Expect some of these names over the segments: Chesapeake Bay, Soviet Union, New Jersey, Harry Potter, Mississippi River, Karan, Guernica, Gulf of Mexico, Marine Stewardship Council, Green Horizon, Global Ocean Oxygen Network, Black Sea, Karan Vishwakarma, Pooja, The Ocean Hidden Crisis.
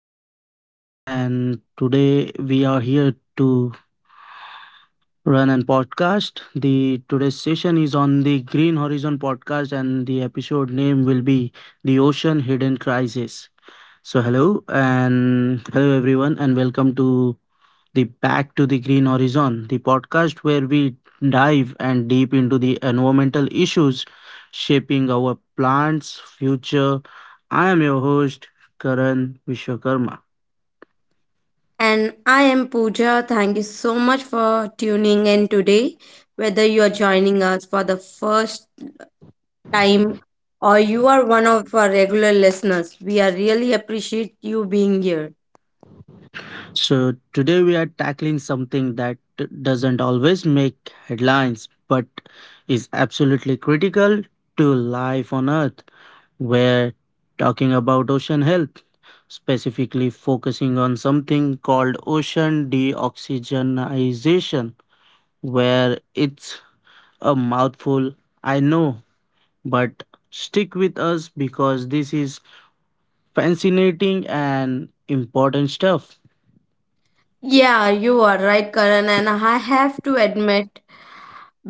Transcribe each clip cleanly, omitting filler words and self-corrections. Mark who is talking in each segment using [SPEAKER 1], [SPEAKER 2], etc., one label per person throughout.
[SPEAKER 1] Karan Vishwakarma, and today we are here to run an podcast. The today's session is on the Green Horizon podcast, and the episode name will be The Ocean Hidden Crisis. So, hello, and hello, everyone, and welcome to the Back to the Green Horizon, the podcast where we dive and deep into the environmental issues shaping our plants' future. I am your host, Karan Vishwakarma.
[SPEAKER 2] And I am Pooja. Thank you so much for tuning in today. Whether you are joining us for the first time or you are one of our regular listeners, we are really appreciate you being here.
[SPEAKER 1] So, today we are tackling something that doesn't always make headlines but is absolutely critical to life on Earth. We're talking about ocean health, specifically focusing on something called ocean deoxygenization, where it's a mouthful, I know, but stick with us because this is fascinating and important stuff.
[SPEAKER 2] Yeah, you are right, Karan. And I have to admit,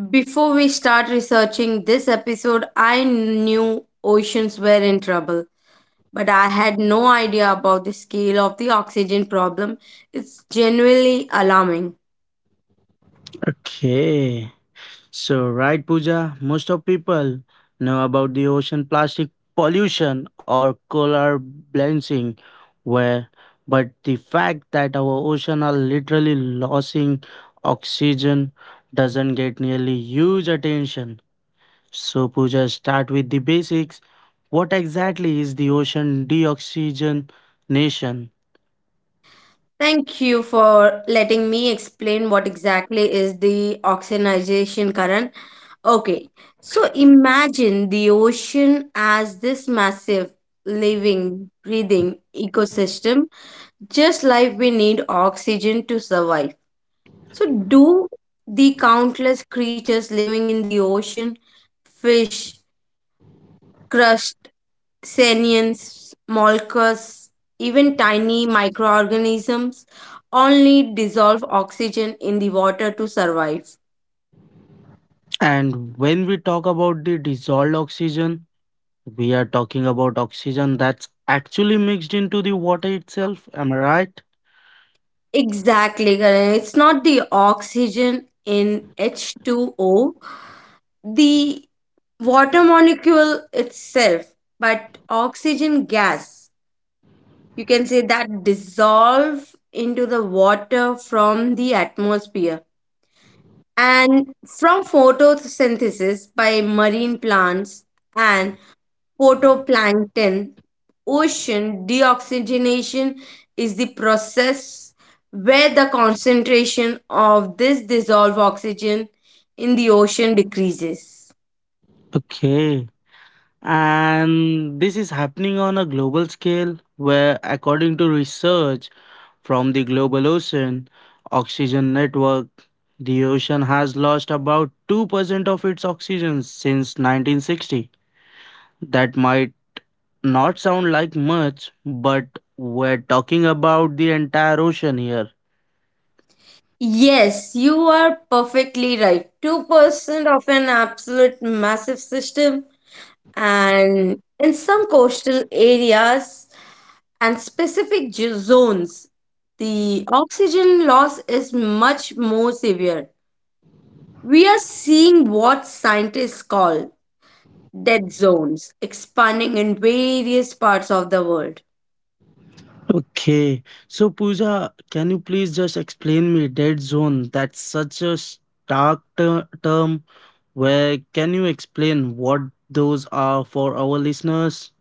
[SPEAKER 2] before we start researching this episode, I knew oceans were in trouble, but I had no idea about the scale of the oxygen problem. It's genuinely alarming.
[SPEAKER 1] Okay. So, right, Pooja, most of people know about the ocean plastic pollution or coral bleaching, where but the fact that our ocean are literally losing oxygen doesn't get nearly huge attention. So, Pooja, start with the basics. What exactly is the ocean deoxygenation?
[SPEAKER 2] Thank you for letting me explain what exactly is the oxygenation current. Okay, so imagine the ocean as this massive living, breathing ecosystem. Just like we need oxygen to survive. So, do the countless creatures living in the ocean, fish, crust, salients, molluscs, even tiny microorganisms all need dissolved oxygen in the water to survive.
[SPEAKER 1] And when we talk about the dissolved oxygen, we are talking about oxygen that's actually mixed into the water itself, am I right?
[SPEAKER 2] Exactly, Karan. It's not the oxygen in H2O, the water molecule itself, but oxygen gas. You can say that dissolve into the water from the atmosphere and from photosynthesis by marine plants and photoplankton. Ocean deoxygenation is the process where the concentration of this dissolved oxygen in the ocean decreases.
[SPEAKER 1] Okay. And this is happening on a global scale where, according to research from the Global Ocean Oxygen Network, the ocean has lost about 2% of its oxygen since 1960. That might not sound like much, but we're talking about the entire ocean here.
[SPEAKER 2] Yes, you are perfectly right. 2% of an absolute massive system, and in some coastal areas and specific zones, the oxygen loss is much more severe. We are seeing what scientists call dead zones expanding in various parts of the world.
[SPEAKER 1] Okay. So, Pooja, can you please just explain me dead zone? That's such a stark term. Where can you explain what those are for our listeners?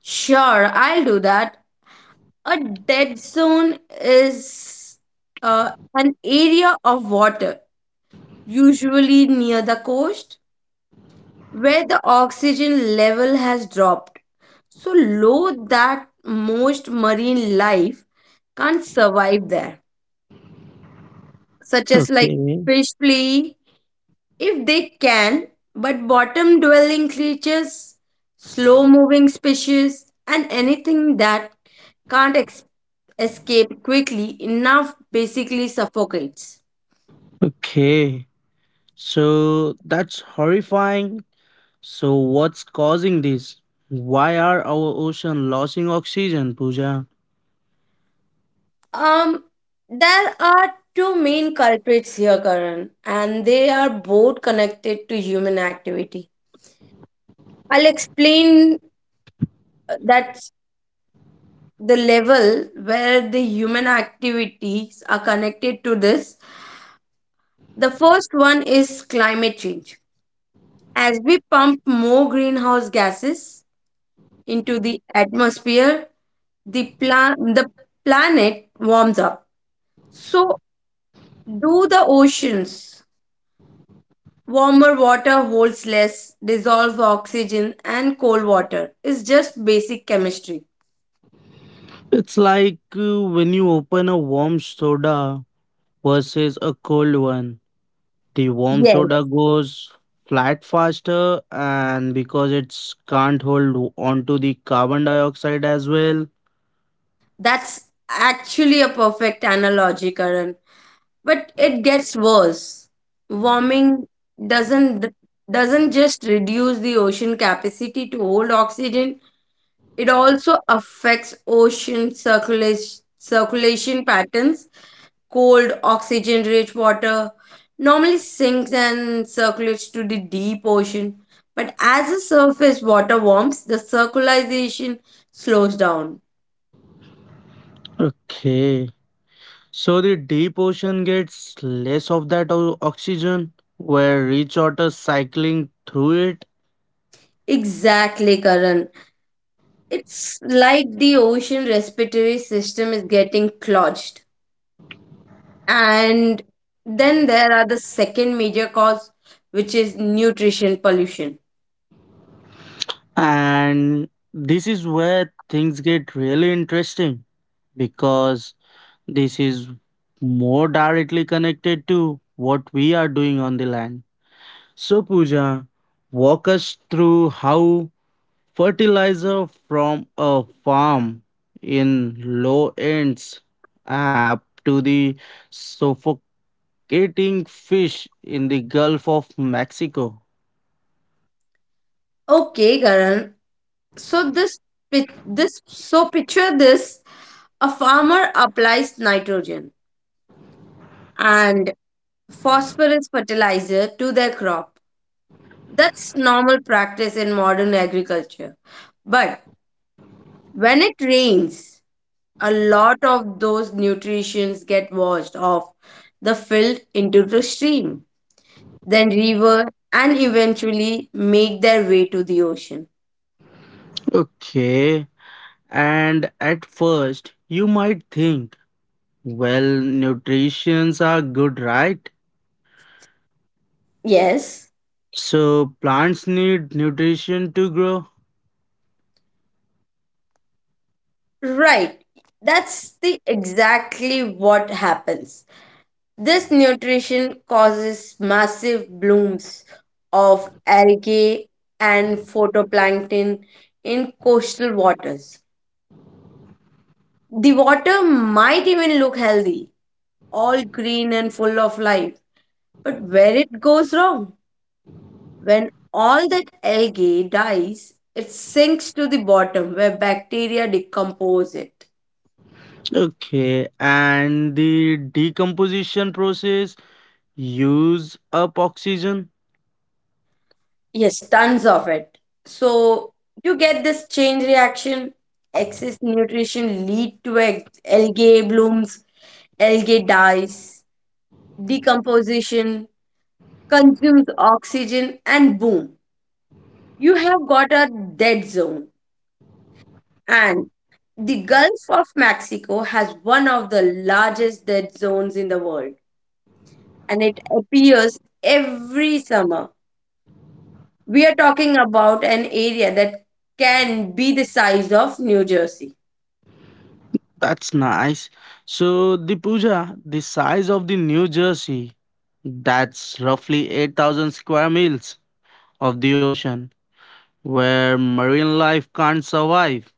[SPEAKER 2] Sure, I'll do that. A dead zone is an area of water, usually near the coast, where the oxygen level has dropped so low that most marine life can't survive there, such as like
[SPEAKER 1] Okay.
[SPEAKER 2] fish flee if they can, but bottom dwelling creatures, slow moving species, and anything that can't ex- escape quickly enough basically suffocates.
[SPEAKER 1] Okay. So that's horrifying. So what's causing this? Why are our ocean losing oxygen, Pooja?
[SPEAKER 2] Um, there are two main culprits here, Karan, and they are both connected to human activity. I'll explain that's the level where the human activities are connected to this. The first one is climate change. As we pump more greenhouse gases into the atmosphere, the planet warms up. So do the oceans. Warmer water holds less dissolved oxygen and cold water. Is just basic chemistry.
[SPEAKER 1] It's like when you open a warm soda versus a cold one. The warm soda
[SPEAKER 2] Yes.
[SPEAKER 1] goes flat faster and because it's can't hold onto the carbon dioxide as well.
[SPEAKER 2] That's actually a perfect analogy, Karan. But it gets worse. Warming doesn't doesn't just reduce the ocean capacity to hold oxygen. It also affects ocean circulation patterns. Cold, oxygen rich water normally sinks and circulates to the deep ocean. But as the surface water warms, the circulation slows down.
[SPEAKER 1] Okay. So the deep ocean gets less of that oxygen where rich water cycling through it.
[SPEAKER 2] Exactly, Karan. It's like the ocean respiratory system is getting clogged. And then there are the second major cause, which is nutrition pollution.
[SPEAKER 1] And this is where things get really interesting because this is more directly connected to what we are doing on the land. So, Pooja, walk us through how fertilizer from a farm in low ends up to the suffocating fish in the Gulf of Mexico.
[SPEAKER 2] Okay, Karan. So this pic- this so picture this: a farmer applies nitrogen and phosphorus fertilizer to their crop. That's normal practice in modern agriculture. But when it rains, a lot of those nutrients get washed off the field into the stream, then river, and eventually make their way to the ocean.
[SPEAKER 1] Okay, and at first you might think, well, nutrients are good, right?
[SPEAKER 2] Yes.
[SPEAKER 1] So plants need nutrition to grow.
[SPEAKER 2] Right. That's the exactly what happens. This nutrition causes massive blooms of algae and photoplankton in coastal waters. The water might even look healthy, all green and full of life. But where it goes wrong, when all that algae dies, it sinks to the bottom where bacteria decompose it.
[SPEAKER 1] Okay, and the decomposition process use up oxygen.
[SPEAKER 2] Yes, tons of it. So you get this chain reaction. Excess nutrition lead to algae blooms, algae dies, decomposition, consumes oxygen, and boom, you have got a dead zone. And the Gulf of Mexico has one of the largest dead zones in the world, and it appears every summer. We are talking about an area that can be the size of New Jersey.
[SPEAKER 1] That's nice. So, the Puja, the size of the New Jersey, that's roughly 8,000 square miles of the ocean where marine life can't survive.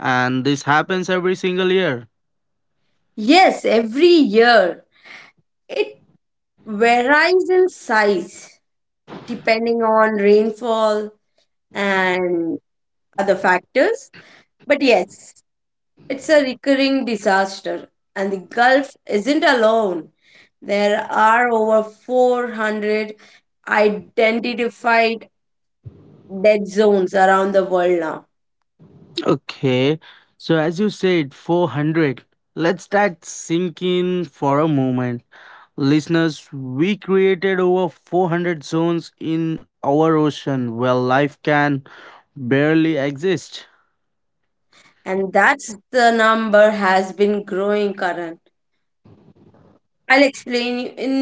[SPEAKER 1] And this happens every single year.
[SPEAKER 2] Yes, every year it varies in size depending on rainfall and other factors. But yes, it's a recurring disaster, and the Gulf isn't alone. There are over 400 identified dead zones around the world now,
[SPEAKER 1] Okay, so as you said, 400. Let's that sink in for a moment. Listeners, we created over 400 zones in our ocean where life can barely exist.
[SPEAKER 2] and that's the number has been growing current. I'll explain you, in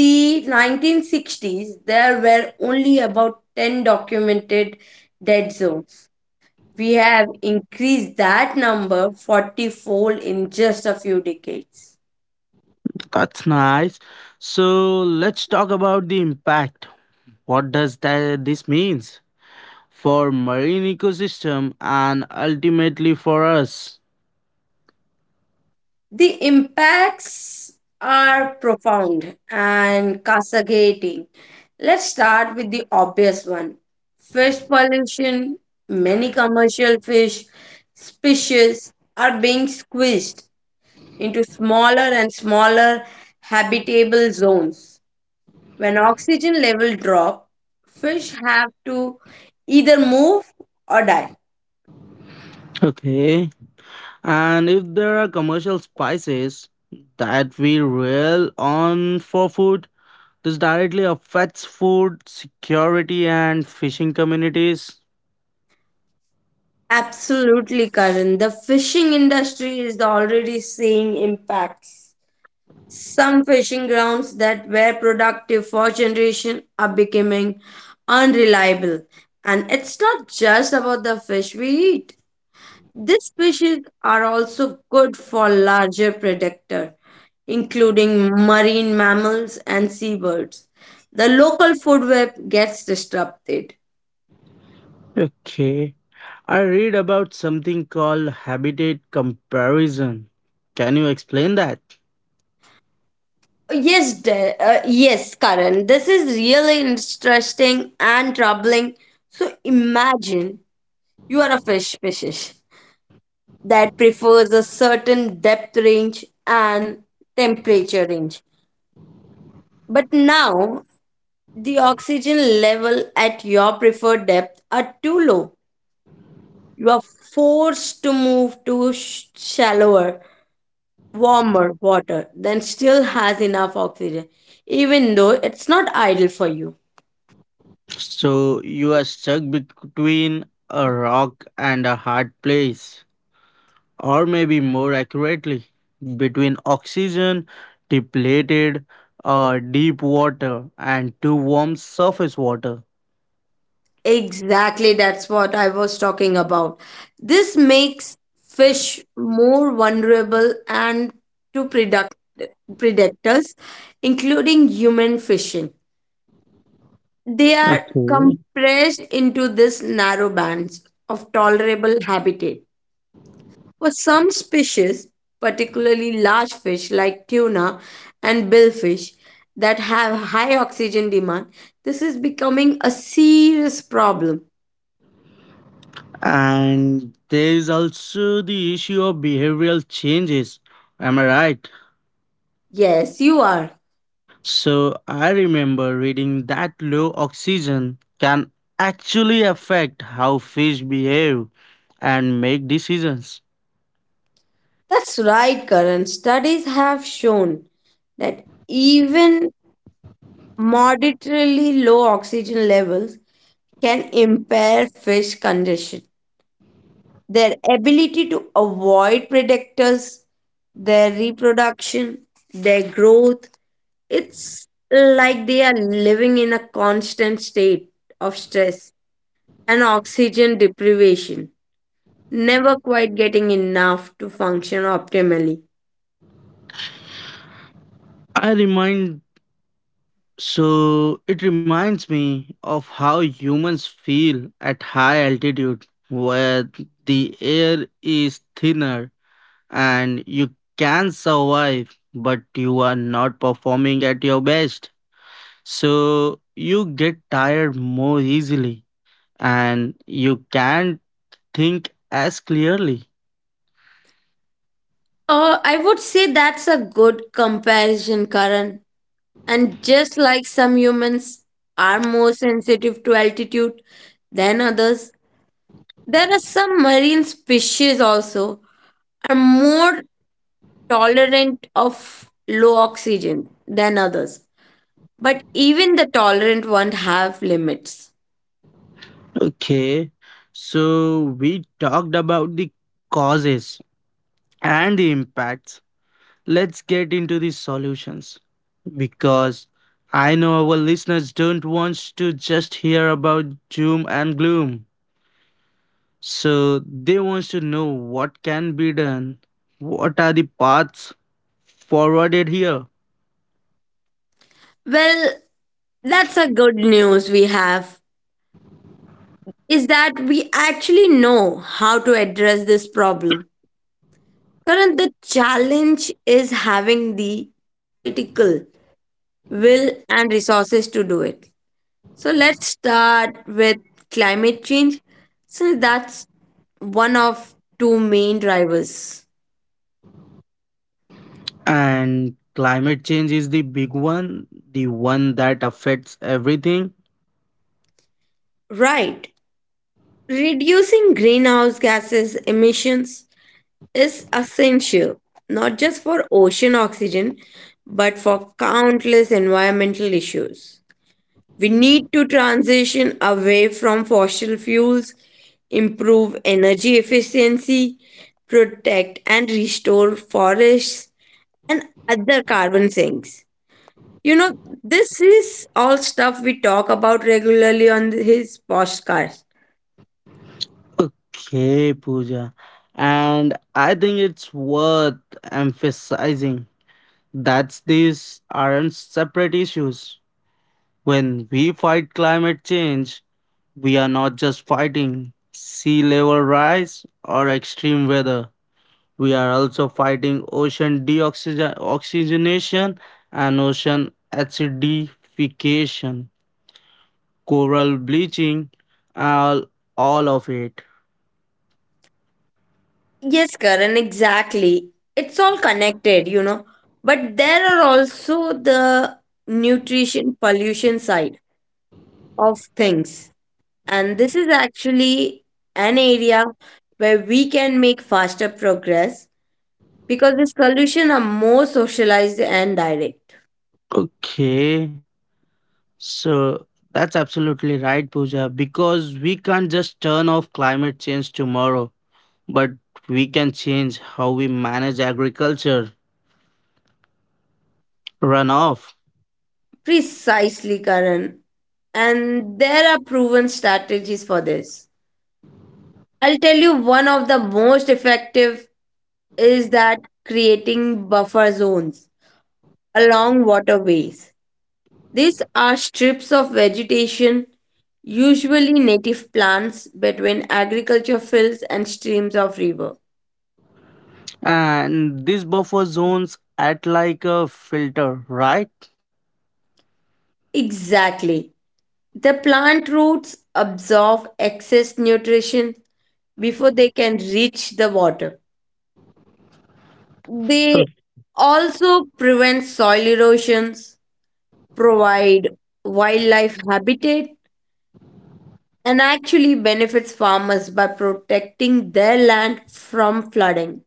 [SPEAKER 2] the 1960s there were only about 10 documented dead zones. We have increased that number 40 fold in just a few decades.
[SPEAKER 1] That's nice. So let's talk about the impact. What does that this means for marine ecosystem and ultimately for us?
[SPEAKER 2] The impacts are profound and cascading. Let's start with the obvious one: fish pollution. Many commercial fish species are being squeezed into smaller and smaller habitable zones. When oxygen level drop, fish have to either move or die.
[SPEAKER 1] Okay. And if there are commercial spices that we rely on for food, this directly affects food security and fishing communities.
[SPEAKER 2] Absolutely, Karan. The fishing industry is already seeing impacts. Some fishing grounds that were productive for generation are becoming unreliable. And it's not just about the fish we eat. These species are also good for larger predators, including marine mammals and seabirds. The local food web gets disrupted.
[SPEAKER 1] Okay. I read about something called habitat comparison. Can you explain that?
[SPEAKER 2] Yes, Karan. This is really interesting and troubling. So imagine you are a fish species that prefers a certain depth range and temperature range. But now, the oxygen level at your preferred depth are too low. You are forced to move to shallower, warmer water that still has enough oxygen, even though it's not ideal for you.
[SPEAKER 1] So you are stuck between a rock and a hard place, or maybe more accurately, between oxygen depleted deep water and too warm surface water.
[SPEAKER 2] Exactly, that's what I was talking about. This makes fish more vulnerable and to product, predators, including human fishing. They are
[SPEAKER 1] Okay.
[SPEAKER 2] compressed into these narrow bands of tolerable habitat. For some species, particularly large fish like tuna and billfish that have high oxygen demand, this is becoming a serious problem.
[SPEAKER 1] And there is also the issue of behavioral changes. Am I right?
[SPEAKER 2] Yes, you are.
[SPEAKER 1] So I remember reading that low oxygen can actually affect how fish behave and make decisions.
[SPEAKER 2] That's right, Karan. Studies have shown that even moderately low oxygen levels can impair fish condition, their ability to avoid predators, their reproduction, their growth. It's like they are living in a constant state of stress and oxygen deprivation, never quite getting enough to function optimally.
[SPEAKER 1] I remind so it reminds me of how humans feel at high altitude where the air is thinner and you can survive, but you are not performing at your best. So you get tired more easily and you can't think as clearly.
[SPEAKER 2] I would say that's a good comparison, Karan. And just like some humans are more sensitive to altitude than others, there are some marine species also are more tolerant of low oxygen than others. But even the tolerant ones have limits.
[SPEAKER 1] Okay, so we talked about the causes and the impacts. Let's get into the solutions because I know our listeners don't want to just hear about doom and gloom. So they wants to know what can be done, what are the paths forwarded here.
[SPEAKER 2] Well, that's a good news we have is that we actually know how to address this problem. Current, the challenge is having the political will and resources to do it. So let's start with climate change, since that's one of two main drivers.
[SPEAKER 1] And climate change is the big one, the one that affects everything.
[SPEAKER 2] Right. Reducing greenhouse gases emissions is essential, not just for ocean oxygen, but for countless environmental issues. We need to transition away from fossil fuels, improve energy efficiency, protect and restore forests, and other carbon sinks. You know, this is all stuff we talk about regularly on his podcast.
[SPEAKER 1] Okay, Pooja. And I think it's worth emphasizing that these aren't separate issues. When we fight climate change, we are not just fighting sea level rise or extreme weather. We are also fighting oxygenation and ocean acidification, coral bleaching, all, all of it.
[SPEAKER 2] Yes, Karan, exactly. It's all connected, you know. But there are also the nutrition pollution side of things. And this is actually an area where we can make faster progress because the solutions are more socialized and direct.
[SPEAKER 1] Okay, so that's absolutely right, Pooja, because we can't just turn off climate change tomorrow, but we can change how we manage agriculture runoff.
[SPEAKER 2] Precisely, Karan. And there are proven strategies for this. I'll tell you one of the most effective is that creating buffer zones along waterways. These are strips of vegetation, usually native plants, between agriculture fields and streams of river.
[SPEAKER 1] And these buffer zones act like a filter, right?
[SPEAKER 2] Exactly. The plant roots absorb excess nutrition before they can reach the water. They also prevent soil erosions, provide wildlife habitat, and actually benefits farmers by protecting their land from flooding.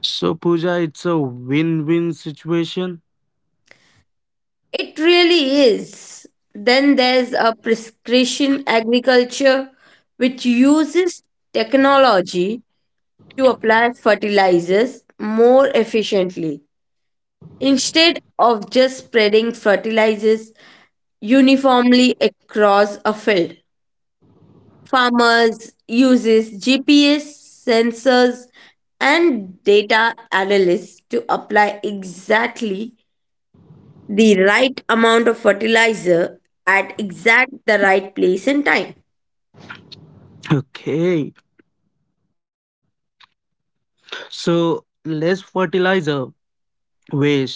[SPEAKER 1] So, Pooja, it's a win win situation.
[SPEAKER 2] It really is. Then there's a prescription agriculture, which uses technology to apply fertilizers more efficiently. Instead of just spreading fertilizers uniformly across a field, farmers uses GPS sensors and data analysts to apply exactly the right amount of fertilizer at exact the right place and time.
[SPEAKER 1] Okay. So, less fertilizer waste,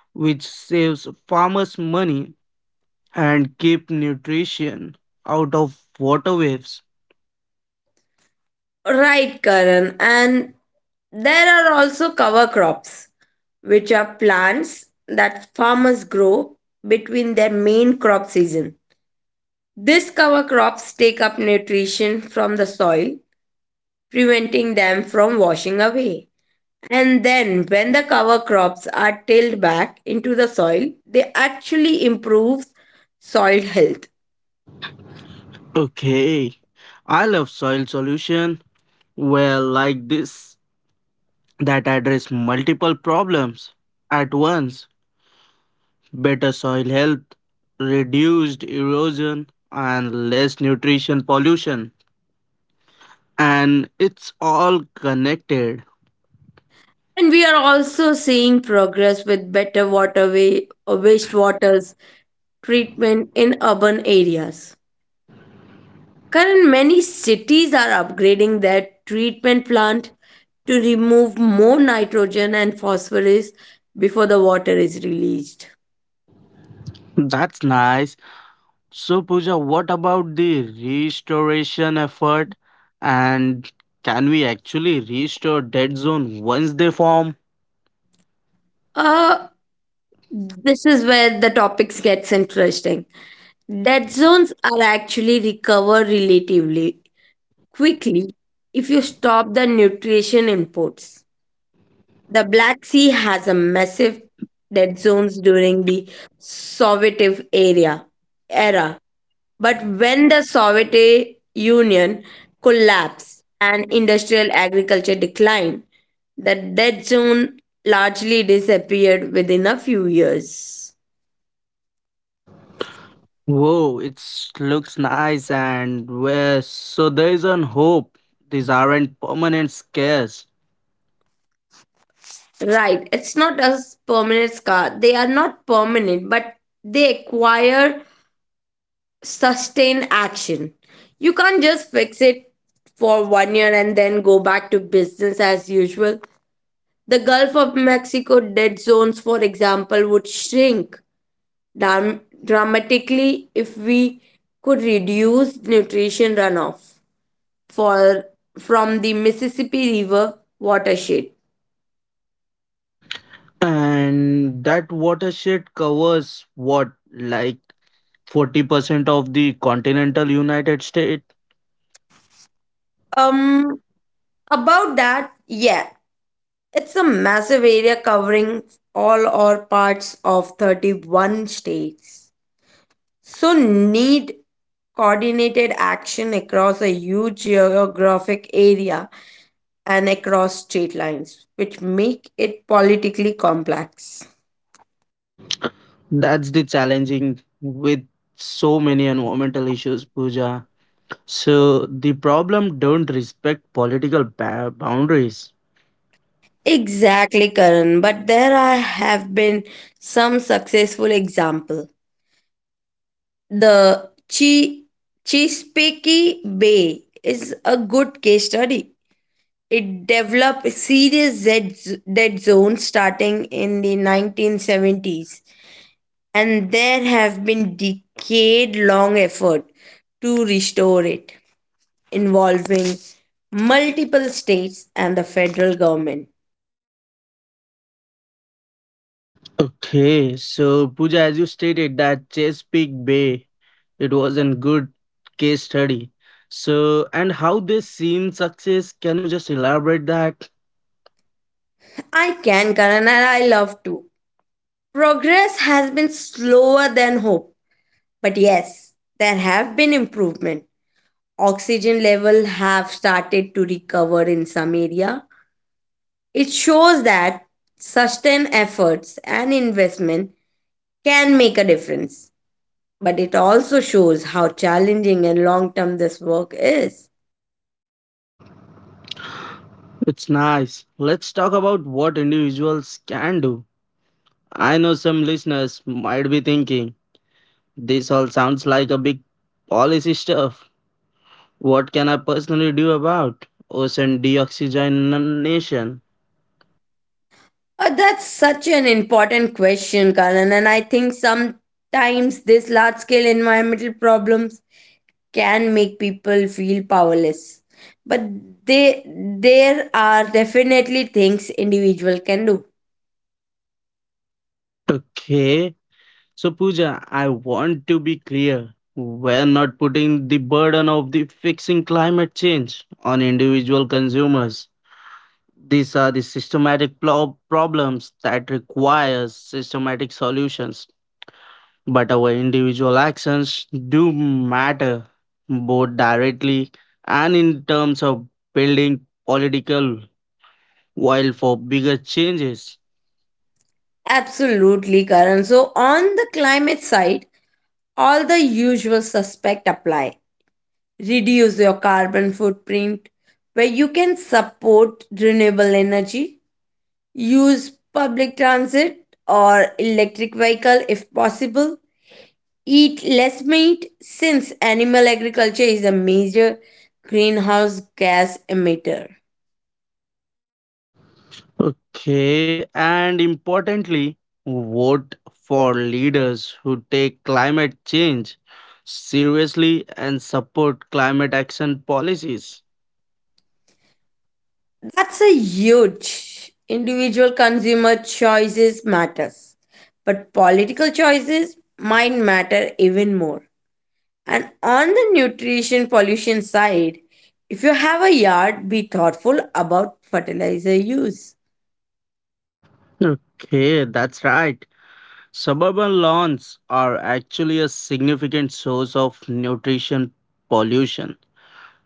[SPEAKER 1] which saves farmers money and keep nutrition out of waterways.
[SPEAKER 2] Right, Karan. And there are also cover crops, which are plants that farmers grow between their main crop season. These cover crops take up nutrition from the soil, preventing them from washing away. And then, when the cover crops are tilled back into the soil, they actually improve soil health.
[SPEAKER 1] Okay. I love soil solution. Well, like this, that address multiple problems at once. Better soil health, reduced erosion, and less nutrition pollution. And it's all connected.
[SPEAKER 2] And we are also seeing progress with better waterway or wastewaters treatment in urban areas. Current many cities are upgrading their treatment plant to remove more nitrogen and phosphorus before the water is released.
[SPEAKER 1] That's nice. So, Pooja, what about the restoration effort? And can we actually restore dead zone once they form?
[SPEAKER 2] Uh, this is where the topics gets interesting. Dead zones are actually recover relatively quickly if you stop the nutrition imports. The Black Sea has a massive dead zones during the Soviet area era. But when the Soviet Union collapsed and industrial agriculture declined, the dead zone largely disappeared within a few years.
[SPEAKER 1] Whoa, it looks nice and well. So there is an hope. These aren't permanent scares.
[SPEAKER 2] Right, it's not a permanent scar. They are not permanent, but they acquire sustain action. You can't just fix it for 1 year and then go back to business as usual. The Gulf of Mexico dead zones, for example, would shrink dramatically if we could reduce nutrition runoff for from the Mississippi River watershed.
[SPEAKER 1] And that watershed covers what, like 40% of the continental United States?
[SPEAKER 2] Um, about that, yeah, it's a massive area covering all or parts of 31 states. So, need coordinated action across a huge geographic area and across state lines, which make it politically complex.
[SPEAKER 1] That's the challenging with so many environmental issues, Pooja. So the problem don't respect political boundaries.
[SPEAKER 2] Exactly, Karan. But there are, have been some successful example. The Chi Chesapeake Bay is a good case study. It developed serious dead zones starting in the 1970s, and there have been decade long effort to restore it involving multiple states and the federal government.
[SPEAKER 1] Okay, so Pooja, as you stated that Chesapeake Bay, it was a good case study. So and how this seen success? Can you just elaborate that?
[SPEAKER 2] I can, Karan, and I love to. Progress has been slower than hope, but yes, there have been improvement. Oxygen level have started to recover in some area. It shows that sustained efforts and investment can make a difference, but it also shows how challenging and long term this work is.
[SPEAKER 1] It's nice. Let's talk about what individuals can do. I know some listeners might be thinking. This all sounds like a big policy stuff. What can I personally do about ocean deoxygenation?
[SPEAKER 2] That's such an important question, Karan, and I think sometimes these large scale environmental problems can make people feel powerless. But they, there are definitely things individual can do.
[SPEAKER 1] Okay, so Pooja, I want to be clear. We're not putting the burden of the fixing climate change on individual consumers. These are the systematic problems that require systematic solutions. But our individual actions do matter, both directly and in terms of building political will for bigger changes.
[SPEAKER 2] Absolutely, Karan. So on the climate side, all the usual suspect apply: reduce your carbon footprint, where you can support renewable energy, use public transit or electric vehicle if possible, eat less meat since animal agriculture is a major greenhouse gas emitter.
[SPEAKER 1] Okay, and importantly, vote for leaders who take climate change seriously and support climate action policies.
[SPEAKER 2] That's a huge individual consumer choices matters, but political choices might matter even more. And on the nutrition pollution side, if you have a yard, be thoughtful about fertilizer use.
[SPEAKER 1] Okay, that's right. Suburban lawns are actually a significant source of nutrition pollution.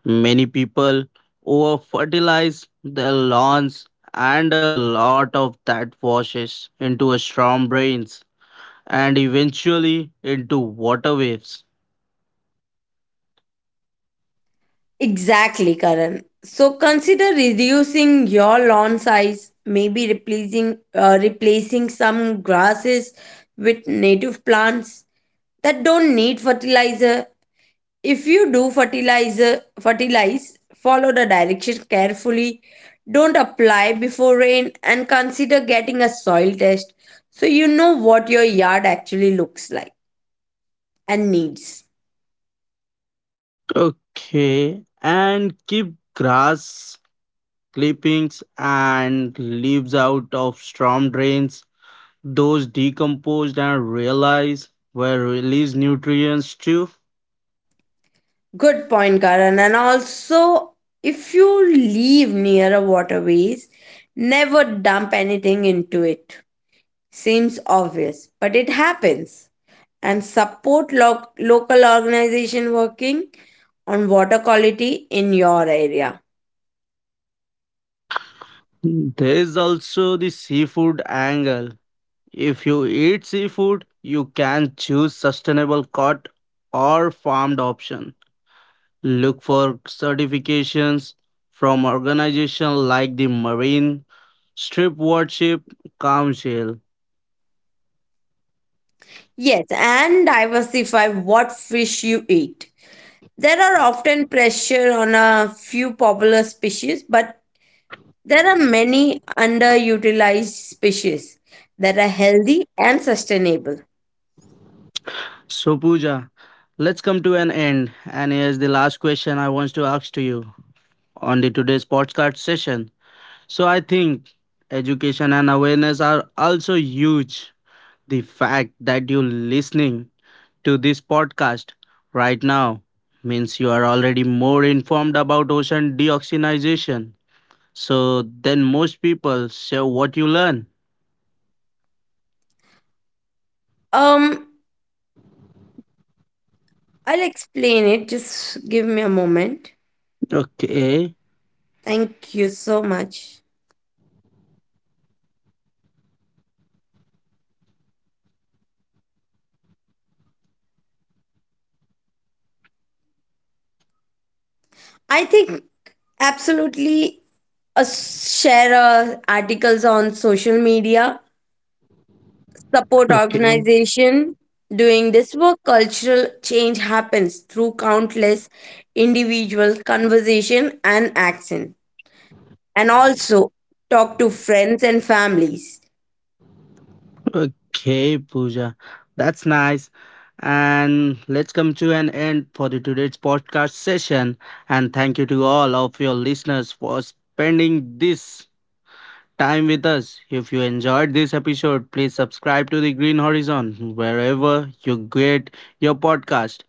[SPEAKER 1] Many people over fertilize their lawns, and a lot of that washes into a storm drains and eventually into water waves.
[SPEAKER 2] Exactly, Karan. So consider reducing your lawn size, maybe replacing some grasses with native plants that don't need fertilizer. If you do fertilizer fertilize, follow the direction carefully. Don't apply before rain and consider getting a soil test so you know what your yard actually looks like and needs.
[SPEAKER 1] Okay, and keep grass clippings and leaves out of storm drains. Those decomposed and realize were released nutrients too.
[SPEAKER 2] Good point, Karan. And also, if you live near a waterways, never dump anything into it. Seems obvious, but it happens. And support local organization working on water quality in your area.
[SPEAKER 1] There is also the seafood angle. If you eat seafood, you can choose sustainable caught or farmed option. Look for certifications from organizations like the Marine Strip Warship Council.
[SPEAKER 2] Yes, and diversify what fish you eat. There are often pressure on a few popular species, but there are many underutilized species that are healthy and sustainable.
[SPEAKER 1] So Pooja, let's come to an end. And here's the last question I want to ask to you on the today's podcast session. So I think education and awareness are also huge. The fact that you listening to this podcast right now means you are already more informed about ocean deoxygenization. So then most people share what you learn.
[SPEAKER 2] Um, I'll explain it. Just give me a moment.
[SPEAKER 1] Okay.
[SPEAKER 2] Thank you so much. I think absolutely share articles on social media, support
[SPEAKER 1] Okay.
[SPEAKER 2] organization doing this work. Cultural change happens through countless individual conversation and action. And also talk to friends and families.
[SPEAKER 1] Okay, Pooja. That's nice. And let's come to an end for the today's podcast session. And thank you to all of your listeners for spending this time with us. If you enjoyed this episode, please subscribe to the Green Horizon wherever you get your podcast.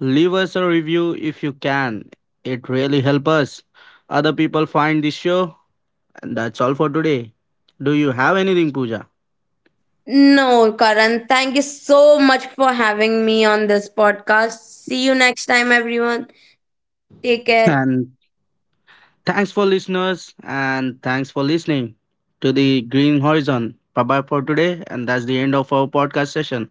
[SPEAKER 1] Leave us a review if you can. It really helps us. Other people find this show. And that's all for today. Do you have anything, Pooja?
[SPEAKER 2] No, Karan, thank you so much for having me on this podcast. See you next time, everyone. Take care.
[SPEAKER 1] And thanks for listeners and thanks for listening to the Green Horizon. Bye bye for today, and that's the end of our podcast session.